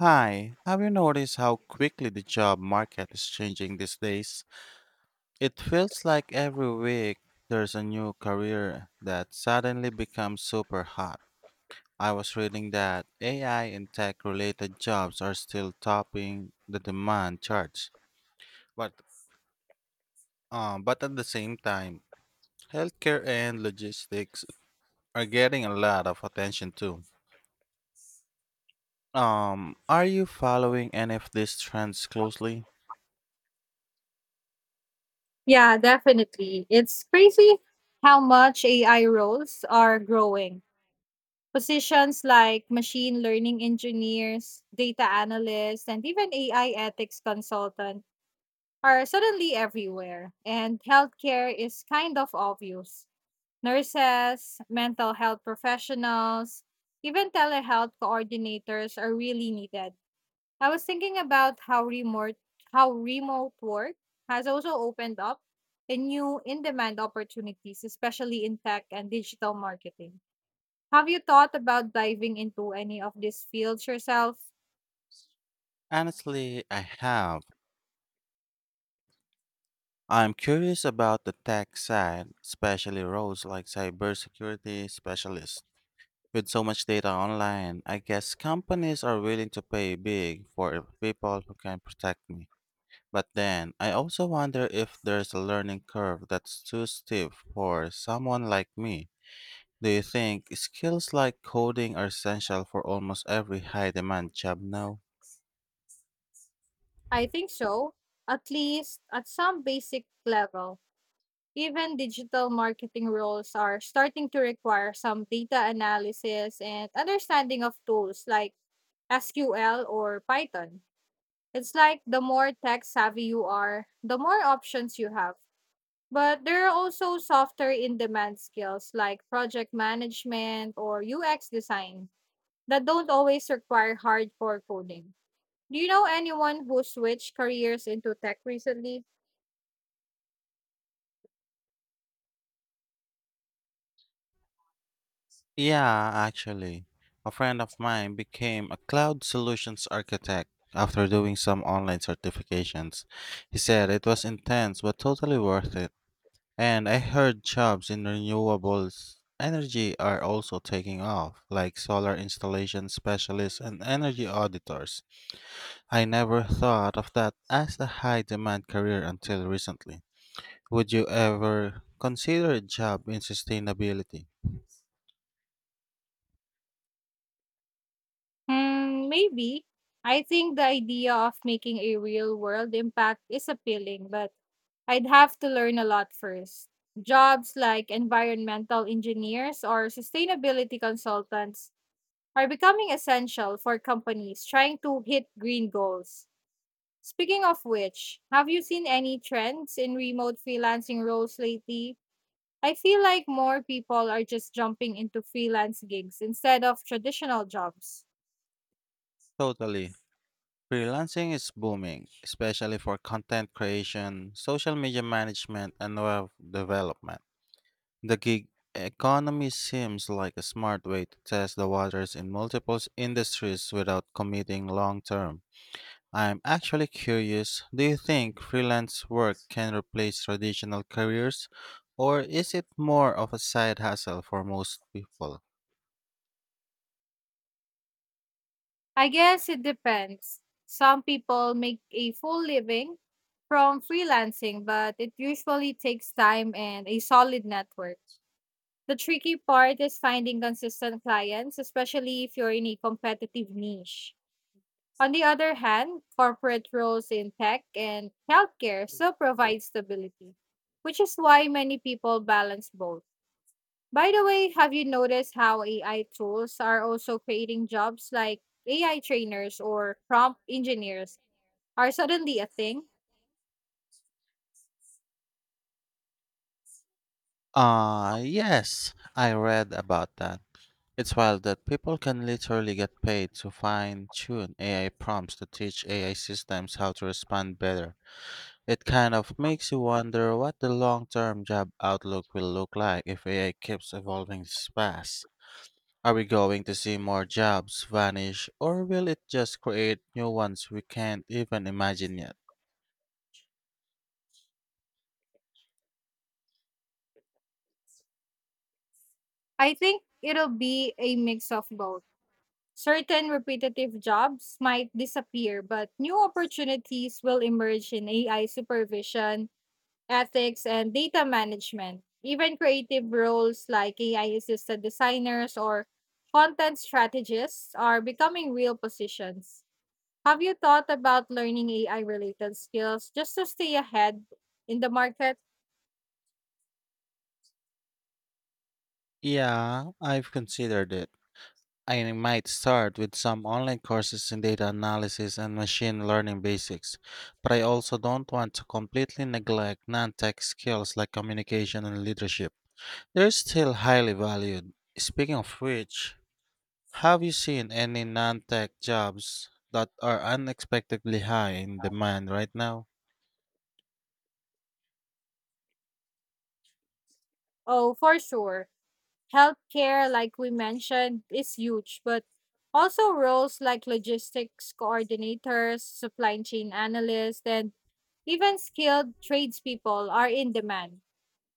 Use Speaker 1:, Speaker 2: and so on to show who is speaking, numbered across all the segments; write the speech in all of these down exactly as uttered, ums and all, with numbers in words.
Speaker 1: Hi, have you noticed how quickly the job market is changing these days? It feels like every week there's a new career that suddenly becomes super hot. I was reading that A I and tech related jobs are still topping the demand charts, but um, but at the same time, healthcare and logistics are getting a lot of attention too. Um, are you following any of these trends closely?
Speaker 2: Yeah, definitely. It's crazy how much A I roles are growing. Positions like machine learning engineers, data analysts, and even A I ethics consultant are suddenly everywhere. And healthcare is kind of obvious. Nurses, mental health professionals, even telehealth coordinators are really needed. I was thinking about how remote how remote work has also opened up a new in-demand opportunities, especially in tech and digital marketing. Have you thought about diving into any of these fields yourself?
Speaker 1: Honestly, I have. I'm curious about the tech side, especially roles like cybersecurity specialist. With so much data online, I guess companies are willing to pay big for people who can protect me. But then, I also wonder if there's a learning curve that's too steep for someone like me. Do you think skills like coding are essential for almost every high demand job now?
Speaker 2: I think so, at least at some basic level. Even digital marketing roles are starting to require some data analysis and understanding of tools like S Q L or Python. It's like the more tech savvy you are, the more options you have. But there are also softer in demand skills like project management or U X design that don't always require hardcore coding. Do you know anyone who switched careers into tech recently?
Speaker 1: Yeah, actually, a friend of mine became a cloud solutions architect after doing some online certifications. He said it was intense but totally worth it. And I heard jobs in renewables energy are also taking off, like solar installation specialists and energy auditors. I never thought of that as a high demand career until recently. Would you ever consider a job in sustainability?
Speaker 2: Hmm, maybe. I think the idea of making a real world impact is appealing, but I'd have to learn a lot first. Jobs like environmental engineers or sustainability consultants are becoming essential for companies trying to hit green goals. Speaking of which, have you seen any trends in remote freelancing roles lately? I feel like more people are just jumping into freelance gigs instead of traditional jobs.
Speaker 1: Totally. Freelancing is booming, especially for content creation, social media management, and web development. The gig economy seems like a smart way to test the waters in multiple s- industries without committing long term. I'm actually curious, do you think freelance work can replace traditional careers, or is it more of a side hustle for most people?
Speaker 2: I guess it depends. Some people make a full living from freelancing, but it usually takes time and a solid network. The tricky part is finding consistent clients, especially if you're in a competitive niche. On the other hand, corporate roles in tech and healthcare still provide stability, which is why many people balance both. By the way, have you noticed how A I tools are also creating jobs like A I trainers or prompt engineers are suddenly a thing?
Speaker 1: Uh, yes, I read about that. It's wild that people can literally get paid to fine tune A I prompts to teach A I systems how to respond better. It kind of makes you wonder what the long term job outlook will look like if A I keeps evolving this fast. Are we going to see more jobs vanish, or will it just create new ones we can't even imagine yet?
Speaker 2: I think it'll be a mix of both. Certain repetitive jobs might disappear, but new opportunities will emerge in A I supervision, ethics, and data management. Even creative roles like A I assisted designers or content strategists are becoming real positions. Have you thought about learning A I related skills just to stay ahead in the market?
Speaker 1: Yeah, I've considered it. I might start with some online courses in data analysis and machine learning basics, but I also don't want to completely neglect non tech skills like communication and leadership. They're still highly valued. Speaking of which, have you seen any non tech jobs that are unexpectedly high in demand right now?
Speaker 2: Oh, for sure. Healthcare, like we mentioned, is huge, but also roles like logistics coordinators, supply chain analysts, and even skilled tradespeople are in demand.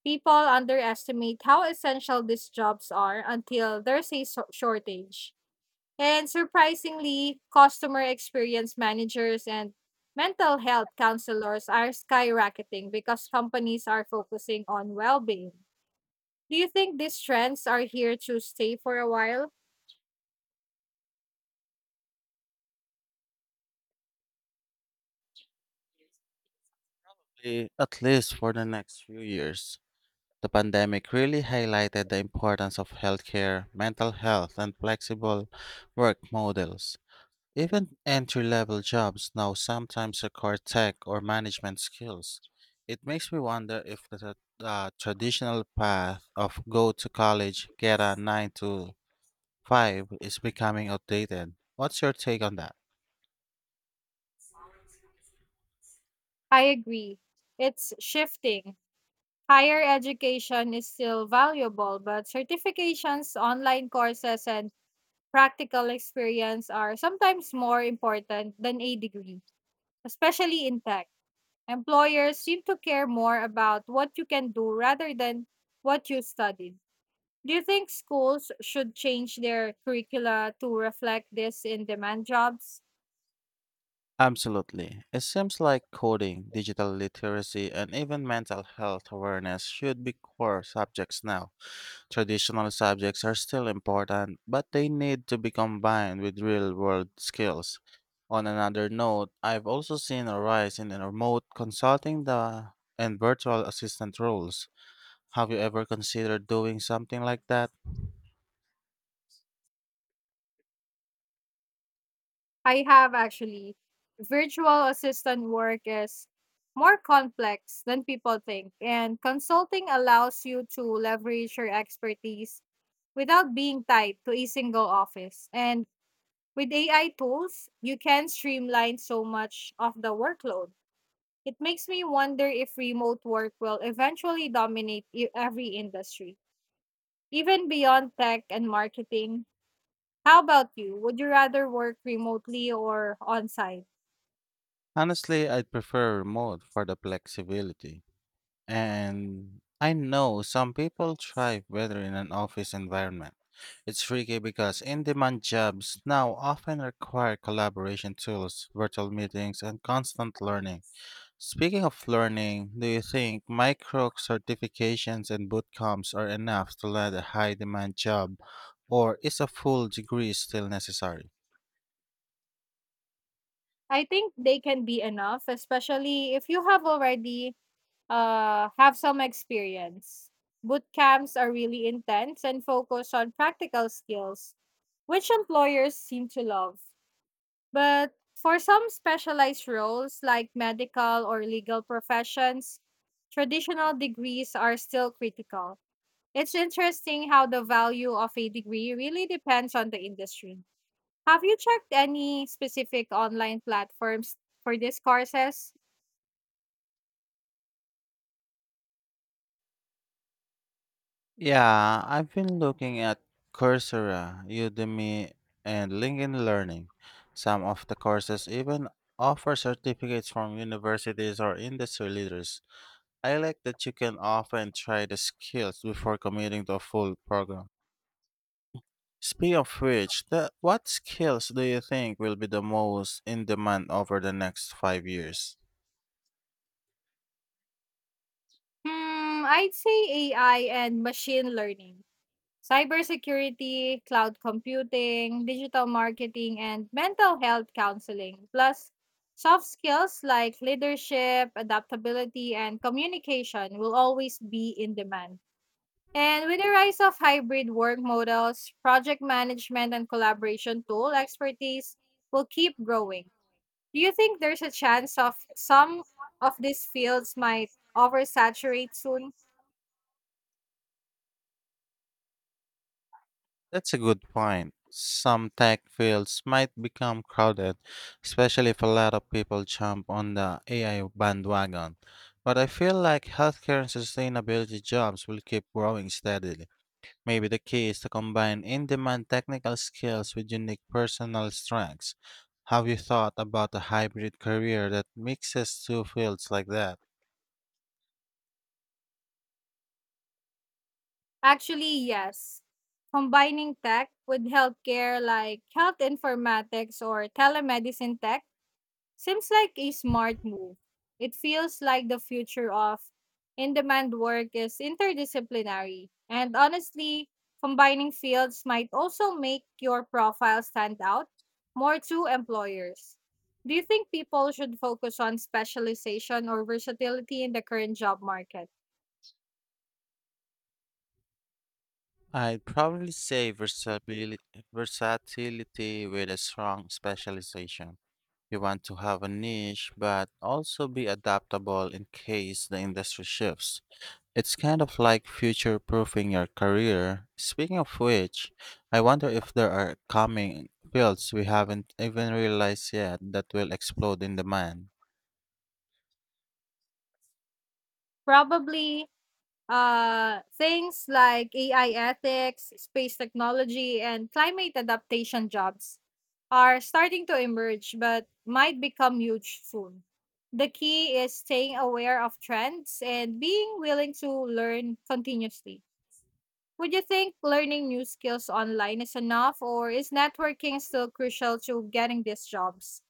Speaker 2: People underestimate how essential these jobs are until there's a so- shortage. And surprisingly, customer experience managers and mental health counselors are skyrocketing because companies are focusing on well being. Do you think these trends are here to stay for a while?
Speaker 1: Eh, At least for the next few years. The pandemic really highlighted the importance of healthcare, mental health, and flexible work models. Even entry level jobs now sometimes require tech or management skills. It makes me wonder if the tra- uh, traditional path of go to college, get a nine to five is becoming outdated. What's your take on that?
Speaker 2: I agree. It's shifting. Higher education is still valuable, but certifications, online courses, and practical experience are sometimes more important than a degree, especially in tech. Employers seem to care more about what you can do rather than what you studied. Do you think schools should change their curricula to reflect this in demand jobs?
Speaker 1: Absolutely. It seems like coding, digital literacy, and even mental health awareness should be core subjects now. Traditional subjects are still important, but they need to be combined with real world skills. On another note, I've also seen a rise in remote consulting the, and virtual assistant roles. Have you ever considered doing something like that?
Speaker 2: I have actually. Virtual assistant work is more complex than people think, and consulting allows you to leverage your expertise without being tied to a single office. And with A I tools, you can streamline so much of the workload. It makes me wonder if remote work will eventually dominate e- every industry, even beyond tech and marketing. How about you? Would you rather work remotely or on site?
Speaker 1: Honestly, I'd prefer remote for the flexibility. And I know some people thrive better in an office environment. It's tricky because in demand jobs now often require collaboration tools, virtual meetings, and constant learning. Speaking of learning, do you think micro certifications and bootcamps are enough to land a high demand job, or is a full degree still necessary?
Speaker 2: I think they can be enough, especially if you have already uh, have some experience. Boot camps are really intense and focus on practical skills, which employers seem to love. But for some specialized roles like medical or legal professions, traditional degrees are still critical. It's interesting how the value of a degree really depends on the industry. Have you checked any specific online platforms for these courses?
Speaker 1: Yeah, I've been looking at Coursera, Udemy, and LinkedIn Learning. Some of the courses even offer certificates from universities or industry leaders. I like that you can often try the skills before committing to a full program. Speaking of which, the, what skills do you think will be the most in demand over the next five years?
Speaker 2: Hmm, I'd say A I and machine learning, cybersecurity, cloud computing, digital marketing, and mental health counseling, plus soft skills like leadership, adaptability, and communication will always be in demand. And with the rise of hybrid work models, project management and collaboration tool expertise will keep growing. Do you think there's a chance of some of these fields might oversaturate soon?
Speaker 1: That's a good point. Some tech fields might become crowded, especially if a lot of people jump on the A I bandwagon. But I feel like healthcare and sustainability jobs will keep growing steadily. Maybe the key is to combine in demand technical skills with unique personal strengths. Have you thought about a hybrid career that mixes two fields like that?
Speaker 2: Actually, yes. Combining tech with healthcare like health informatics or telemedicine tech seems like a smart move. It feels like the future of in demand work is interdisciplinary. And honestly, combining fields might also make your profile stand out more to employers. Do you think people should focus on specialization or versatility in the current job market?
Speaker 1: I'd probably say versatility, versatility with a strong specialization. You want to have a niche, but also be adaptable in case the industry shifts. It's kind of like future proofing your career. Speaking of which, I wonder if there are coming fields we haven't even realized yet that will explode in demand.
Speaker 2: Probably. Uh, things like A I ethics, space technology, and climate adaptation jobs are starting to emerge but might become huge soon. The key is staying aware of trends and being willing to learn continuously. Would you think learning new skills online is enough, or is networking still crucial to getting these jobs?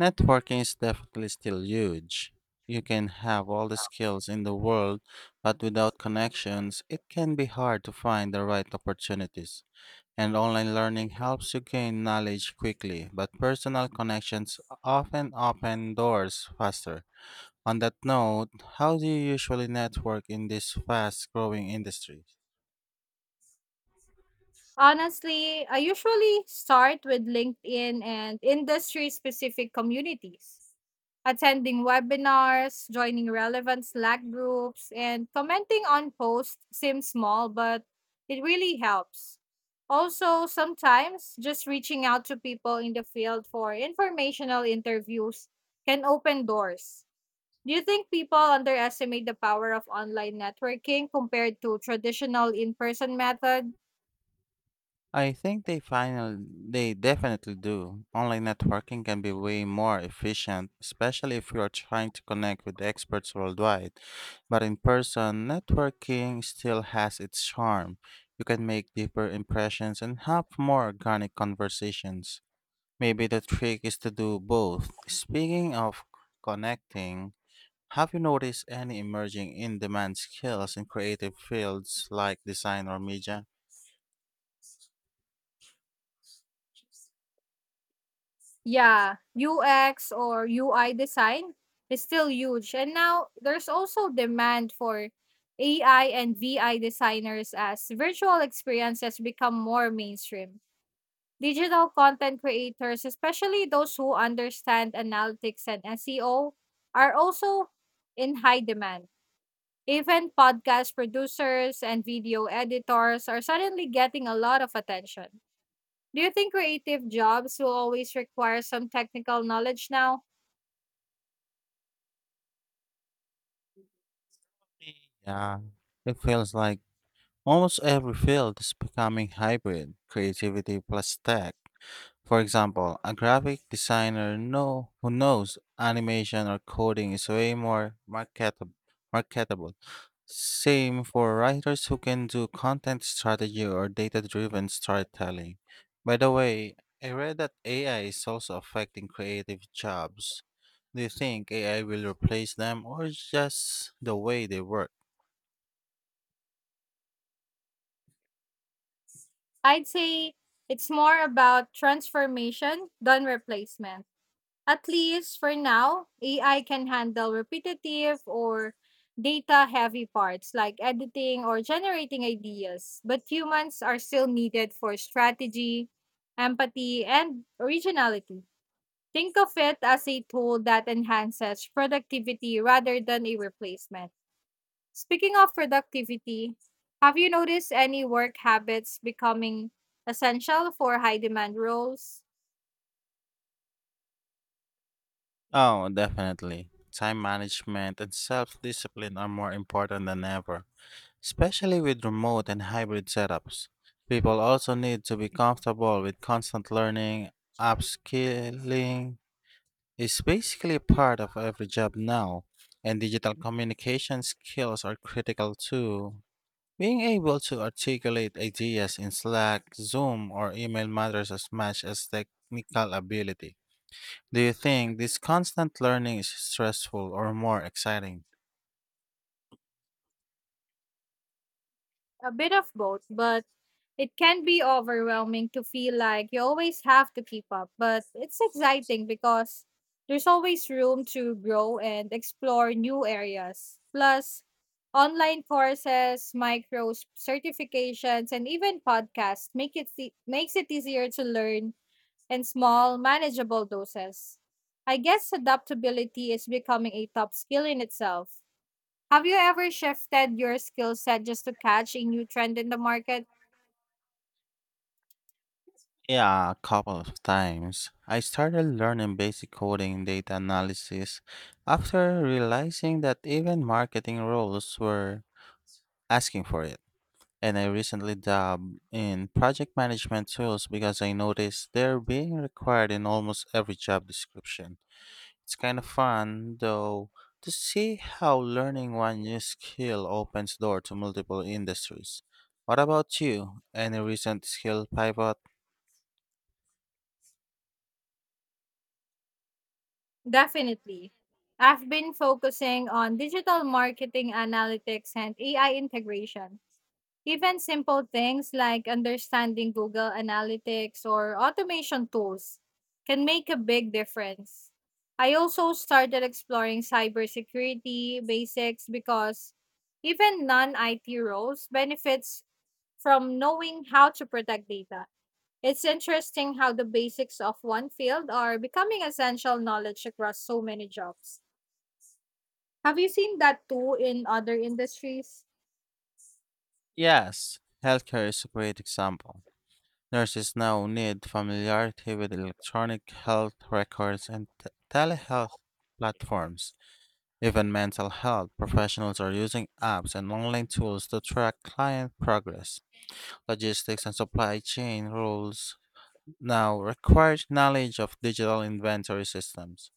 Speaker 1: Networking is definitely still huge. You can have all the skills in the world, but without connections, it can be hard to find the right opportunities. And online learning helps you gain knowledge quickly, but personal connections often open doors faster. On that note, how do you usually network in this fast growing industry?
Speaker 2: Honestly, I usually start with LinkedIn and industry specific communities, attending webinars, joining relevant Slack groups, and commenting on posts seems small, but it really helps. Also, sometimes just reaching out to people in the field for informational interviews can open doors. Do you think people underestimate the power of online networking compared to traditional in person methods?
Speaker 1: I think they final they definitely do. Online networking can be way more efficient, especially if you are trying to connect with experts worldwide. But in person, networking still has its charm. You can make deeper impressions and have more organic conversations. Maybe the trick is to do both. Speaking of connecting, have you noticed any emerging in demand skills in creative fields like design or media?
Speaker 2: Yeah, U X or U I design is still huge. And now there's also demand for A I and V I designers as virtual experiences become more mainstream. Digital content creators, especially those who understand analytics and S E O, are also in high demand. Even podcast producers and video editors are suddenly getting a lot of attention. Do you think creative jobs will always require some technical knowledge now?
Speaker 1: Yeah, it feels like almost every field is becoming hybrid creativity plus tech. For example, a graphic designer know, who knows animation or coding is way more marketable. marketable. Same for writers who can do content strategy or data driven storytelling. By the way, I read that A I is also affecting creative jobs. Do you think A I will replace them or just the way they work?
Speaker 2: I'd say it's more about transformation than replacement. At least for now, A I can handle repetitive or data heavy parts like editing or generating ideas, but humans are still needed for strategy, empathy, and originality. Think of it as a tool that enhances productivity rather than a replacement. Speaking of productivity, have you noticed any work habits becoming essential for high demand roles?
Speaker 1: Oh, definitely. Time management and self discipline are more important than ever. Especially with remote and hybrid setups, people also need to be comfortable with constant learning. Upskilling is basically part of every job now, and digital communication skills are critical too. Being able to articulate ideas in Slack, Zoom, or email matters as much as technical ability. Do you think this constant learning is stressful or more exciting?
Speaker 2: A bit of both, but it can be overwhelming to feel like you always have to keep up. But it's exciting because there's always room to grow and explore new areas. Plus, online courses, micro s- certifications, and even podcasts make it e- makes it easier to learn and small, manageable doses. I guess adaptability is becoming a top skill in itself. Have you ever shifted your skill set just to catch a new trend in the market?
Speaker 1: Yeah, a couple of times. I started learning basic coding and data analysis after realizing that even marketing roles were asking for it. And I recently dabbled in project management tools because I noticed they're being required in almost every job description. It's kind of fun, though, to see how learning one new skill opens door to multiple industries. What about you? Any recent skill pivot?
Speaker 2: Definitely. I've been focusing on digital marketing analytics and A I integration. Even simple things like understanding Google Analytics or automation tools can make a big difference. I also started exploring cybersecurity basics because even non I T roles benefits from knowing how to protect data. It's interesting how the basics of one field are becoming essential knowledge across so many jobs. Have you seen that too in other industries?
Speaker 1: Yes, healthcare is a great example. Nurses now need familiarity with electronic health records and t- telehealth platforms. Even mental health professionals are using apps and online tools to track client progress. Logistics and supply chain rules now require knowledge of digital inventory systems.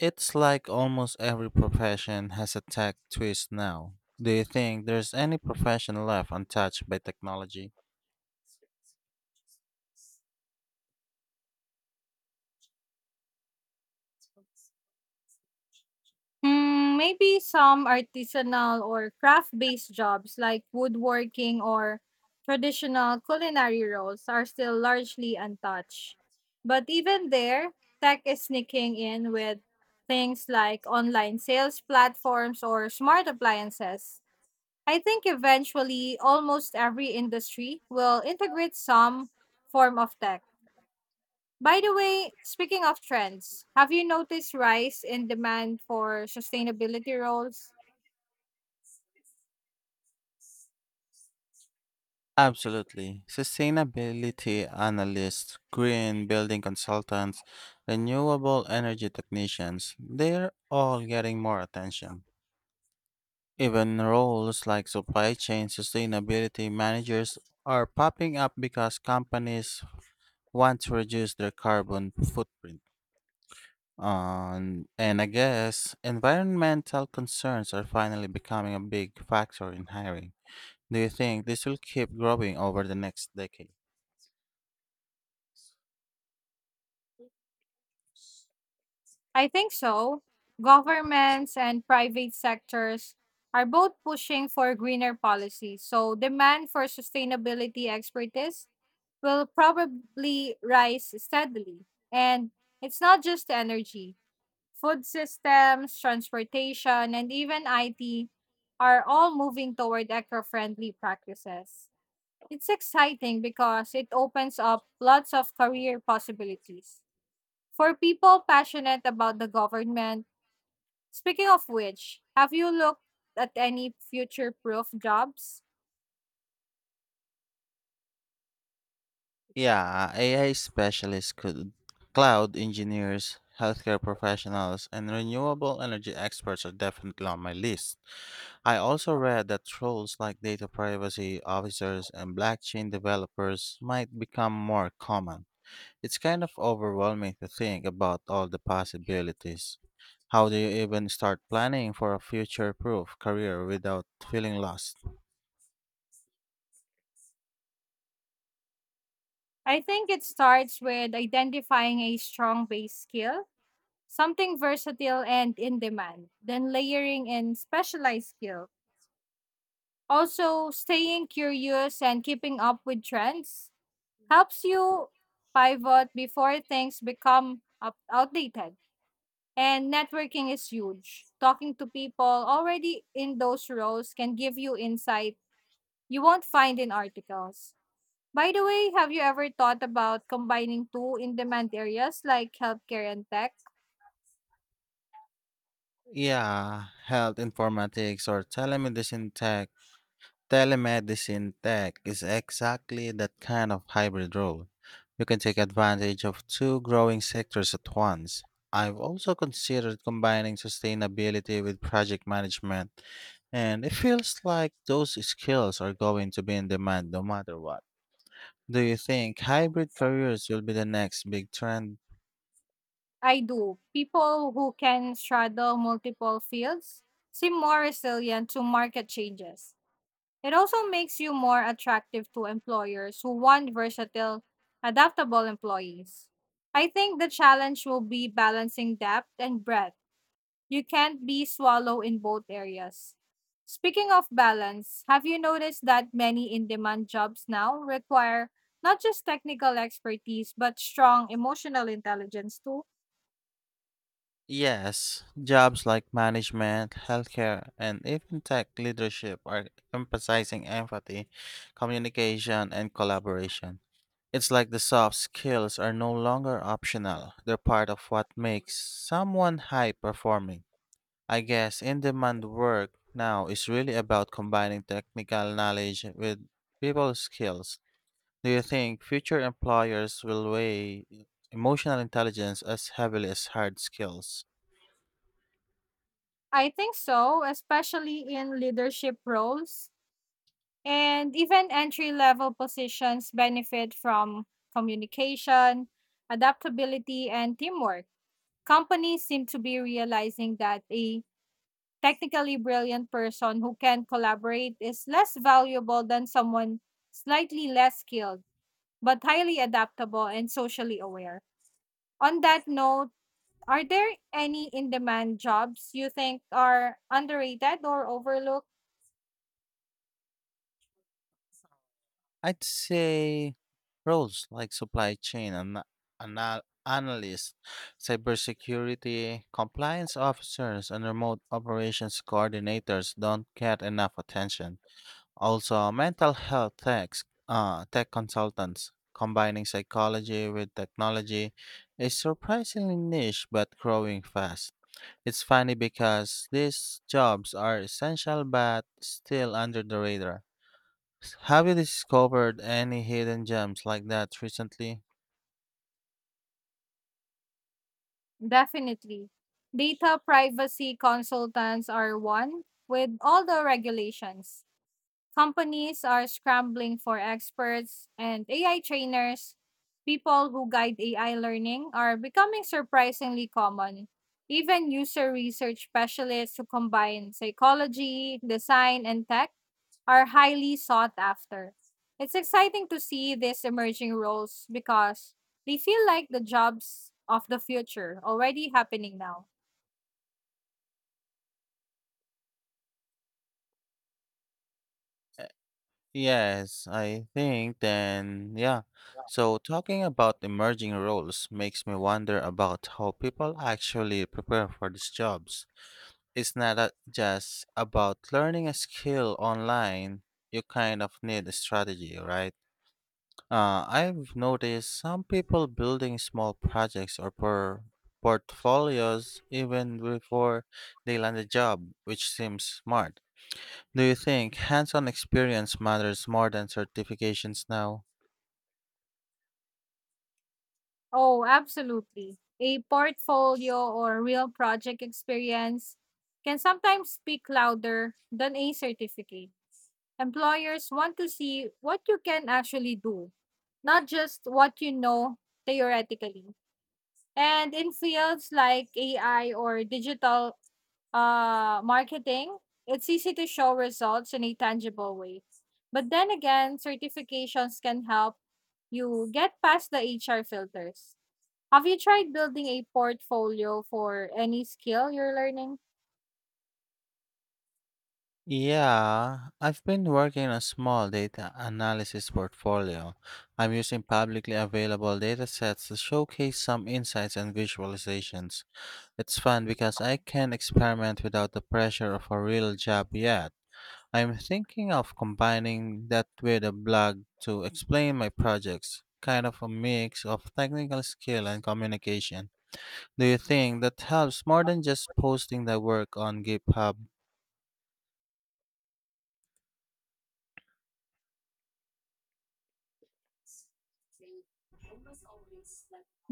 Speaker 1: It's like almost every profession has a tech twist now. Do you think there's any profession left untouched by technology?
Speaker 2: Hmm, maybe some artisanal or craft-based jobs like woodworking or traditional culinary roles are still largely untouched. But even there, tech is sneaking in with things like online sales platforms or smart appliances. I think eventually almost every industry will integrate some form of tech. By the way, speaking of trends, have you noticed rise in demand for sustainability roles?
Speaker 1: Absolutely. Sustainability analysts, green building consultants, renewable energy technicians, they're all getting more attention. Even roles like supply chain sustainability managers are popping up because companies want to reduce their carbon footprint. Um, and I guess environmental concerns are finally becoming a big factor in hiring. Do you think this will keep growing over the next decade?
Speaker 2: I think so. Governments and private sectors are both pushing for greener policies, so demand for sustainability expertise will probably rise steadily. And it's not just energy. Food systems, transportation, and even I T are all moving toward eco-friendly practices. It's exciting because it opens up lots of career possibilities for people passionate about the government. Speaking of which, have you looked at any future proof jobs?
Speaker 1: Yeah, A I specialists could cloud engineers, healthcare professionals, and renewable energy experts are definitely on my list. I also read that roles like data privacy officers and blockchain developers might become more common. It's kind of overwhelming to think about all the possibilities. How do you even start planning for a future proof career without feeling lost?
Speaker 2: I think it starts with identifying a strong base skill, something versatile and in demand, then layering in specialized skill. Also, staying curious and keeping up with trends helps you pivot before things become up- outdated. And networking is huge. Talking to people already in those roles can give you insight you won't find in articles. By the way, have you ever thought about combining two in demand areas like healthcare and tech?
Speaker 1: Yeah, health informatics or telemedicine tech Telemedicine tech is exactly that kind of hybrid role. You can take advantage of two growing sectors at once. I've also considered combining sustainability with project management, and it feels like those skills are going to be in demand no matter what. Do you think hybrid careers will be the next big trend?
Speaker 2: I do. People who can straddle multiple fields seem more resilient to market changes. It also makes you more attractive to employers who want versatile, adaptable employees. I think the challenge will be balancing depth and breadth. You can't be swallow in both areas. Speaking of balance, have you noticed that many in demand jobs now require not just technical expertise but strong emotional intelligence too?
Speaker 1: Yes, jobs like management, healthcare, and even tech leadership are emphasizing empathy, communication, and collaboration. It's like the soft skills are no longer optional, they're part of what makes someone high performing. I guess in demand work now is really about combining technical knowledge with people skills. Do you think future employers will weigh emotional intelligence as heavily as hard skills?
Speaker 2: I think so, especially in leadership roles. And even entry level positions benefit from communication, adaptability, and teamwork. Companies seem to be realizing that a technically brilliant person who can collaborate is less valuable than someone slightly less skilled, but highly adaptable and socially aware. On that note, are there any in demand jobs you think are underrated or overlooked?
Speaker 1: I'd say roles like supply chain and anal- analysts, cybersecurity, compliance officers, and remote operations coordinators don't get enough attention. Also, mental health techs, uh, tech consultants, combining psychology with technology, is surprisingly niche but growing fast. It's funny because these jobs are essential but still under the radar. S- Have you discovered any hidden gems like that recently?
Speaker 2: Definitely. Data privacy consultants are one with all the regulations. Companies are scrambling for experts and A I trainers. People who guide A I learning are becoming surprisingly common. Even user research specialists who combine psychology, design, and tech are highly sought after. It's exciting to see these emerging roles because they feel like the jobs of the future already happening now.
Speaker 1: Uh, Yes, I think then, yeah. So, talking about emerging roles makes me wonder about how people actually prepare for these jobs. It's not a- just about learning a skill online, you kind of need a strategy, right? Uh, I've noticed some people building small projects or por- portfolios even before they land a job, which seems smart. Do you think hands on experience matters more than certifications now?
Speaker 2: Oh, absolutely. A portfolio or real project experience can sometimes speak louder than a certificate. Employers want to see what you can actually do, not just what you know theoretically. And in fields like A I or digital uh, marketing, it's easy to show results in a tangible way. But then again, certifications can help you get past the H R filters. Have you tried building a portfolio for any skill you're learning?
Speaker 1: Yeah, I've been working on a small data analysis portfolio. I'm using publicly available datasets to showcase some insights and visualizations. It's fun because I can experiment without the pressure of a real job yet. I'm thinking of combining that with a blog to explain my projects, kind of a mix of technical skill and communication. Do you think that helps more than just posting the work on GitHub?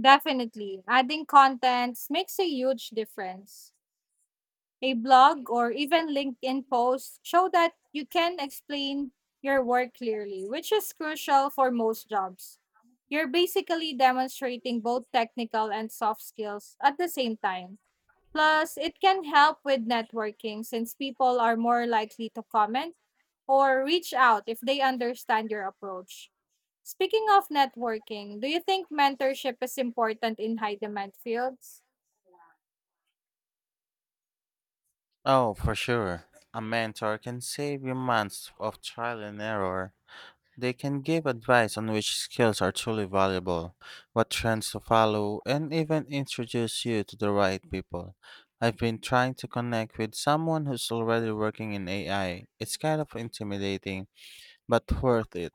Speaker 2: Definitely. Adding contents makes a huge difference. A blog or even LinkedIn posts show that you can explain your work clearly, which is crucial for most jobs. You're basically demonstrating both technical and soft skills at the same time. Plus, it can help with networking since people are more likely to comment or reach out if they understand your approach. Speaking of networking, do you think mentorship is important in high demand fields?
Speaker 1: Oh, for sure. A mentor can save you months of trial and error. They can give advice on which skills are truly valuable, what trends to follow, and even introduce you to the right people. I've been trying to connect with someone who's already working in A I. It's kind of intimidating, but worth it.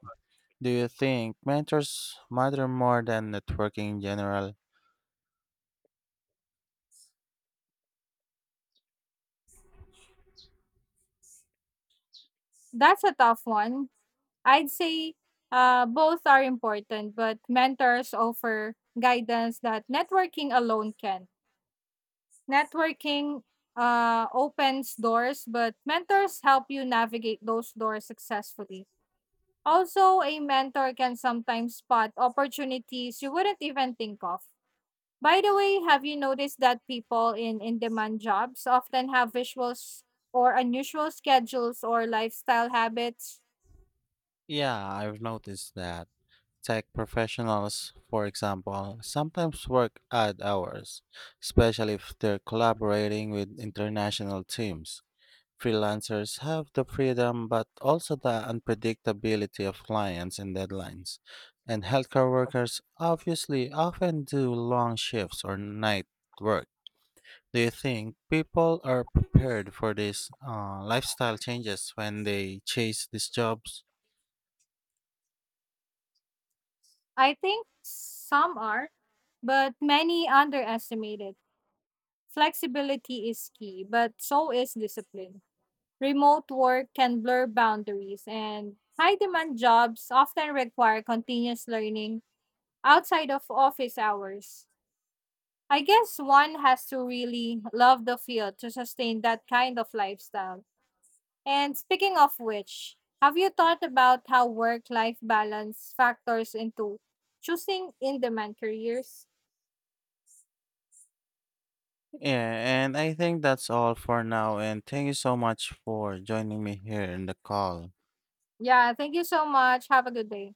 Speaker 1: Do you think mentors matter more than networking in general?
Speaker 2: That's a tough one. I'd say uh, both are important, but mentors offer guidance that networking alone can. Networking uh, opens doors, but mentors help you navigate those doors successfully. Also, a mentor can sometimes spot opportunities you wouldn't even think of. By the way, have you noticed that people in in demand jobs often have visuals or unusual schedules or lifestyle habits?
Speaker 1: Yeah, I've noticed that. Tech professionals, for example, sometimes work odd hours, especially if they're collaborating with international teams. Freelancers have the freedom but also the unpredictability of clients and deadlines. And healthcare workers obviously often do long shifts or night work. Do you think people are prepared for these uh, lifestyle changes when they chase these jobs?
Speaker 2: I think some are, but many underestimate it. Flexibility is key, but so is discipline. Remote work can blur boundaries, and high demand jobs often require continuous learning outside of office hours. I guess one has to really love the field to sustain that kind of lifestyle. And speaking of which, have you thought about how work life balance factors into choosing in demand careers?
Speaker 1: Yeah, and I think that's all for now. And thank you so much for joining me here in the call.
Speaker 2: Yeah, thank you so much. Have a good day.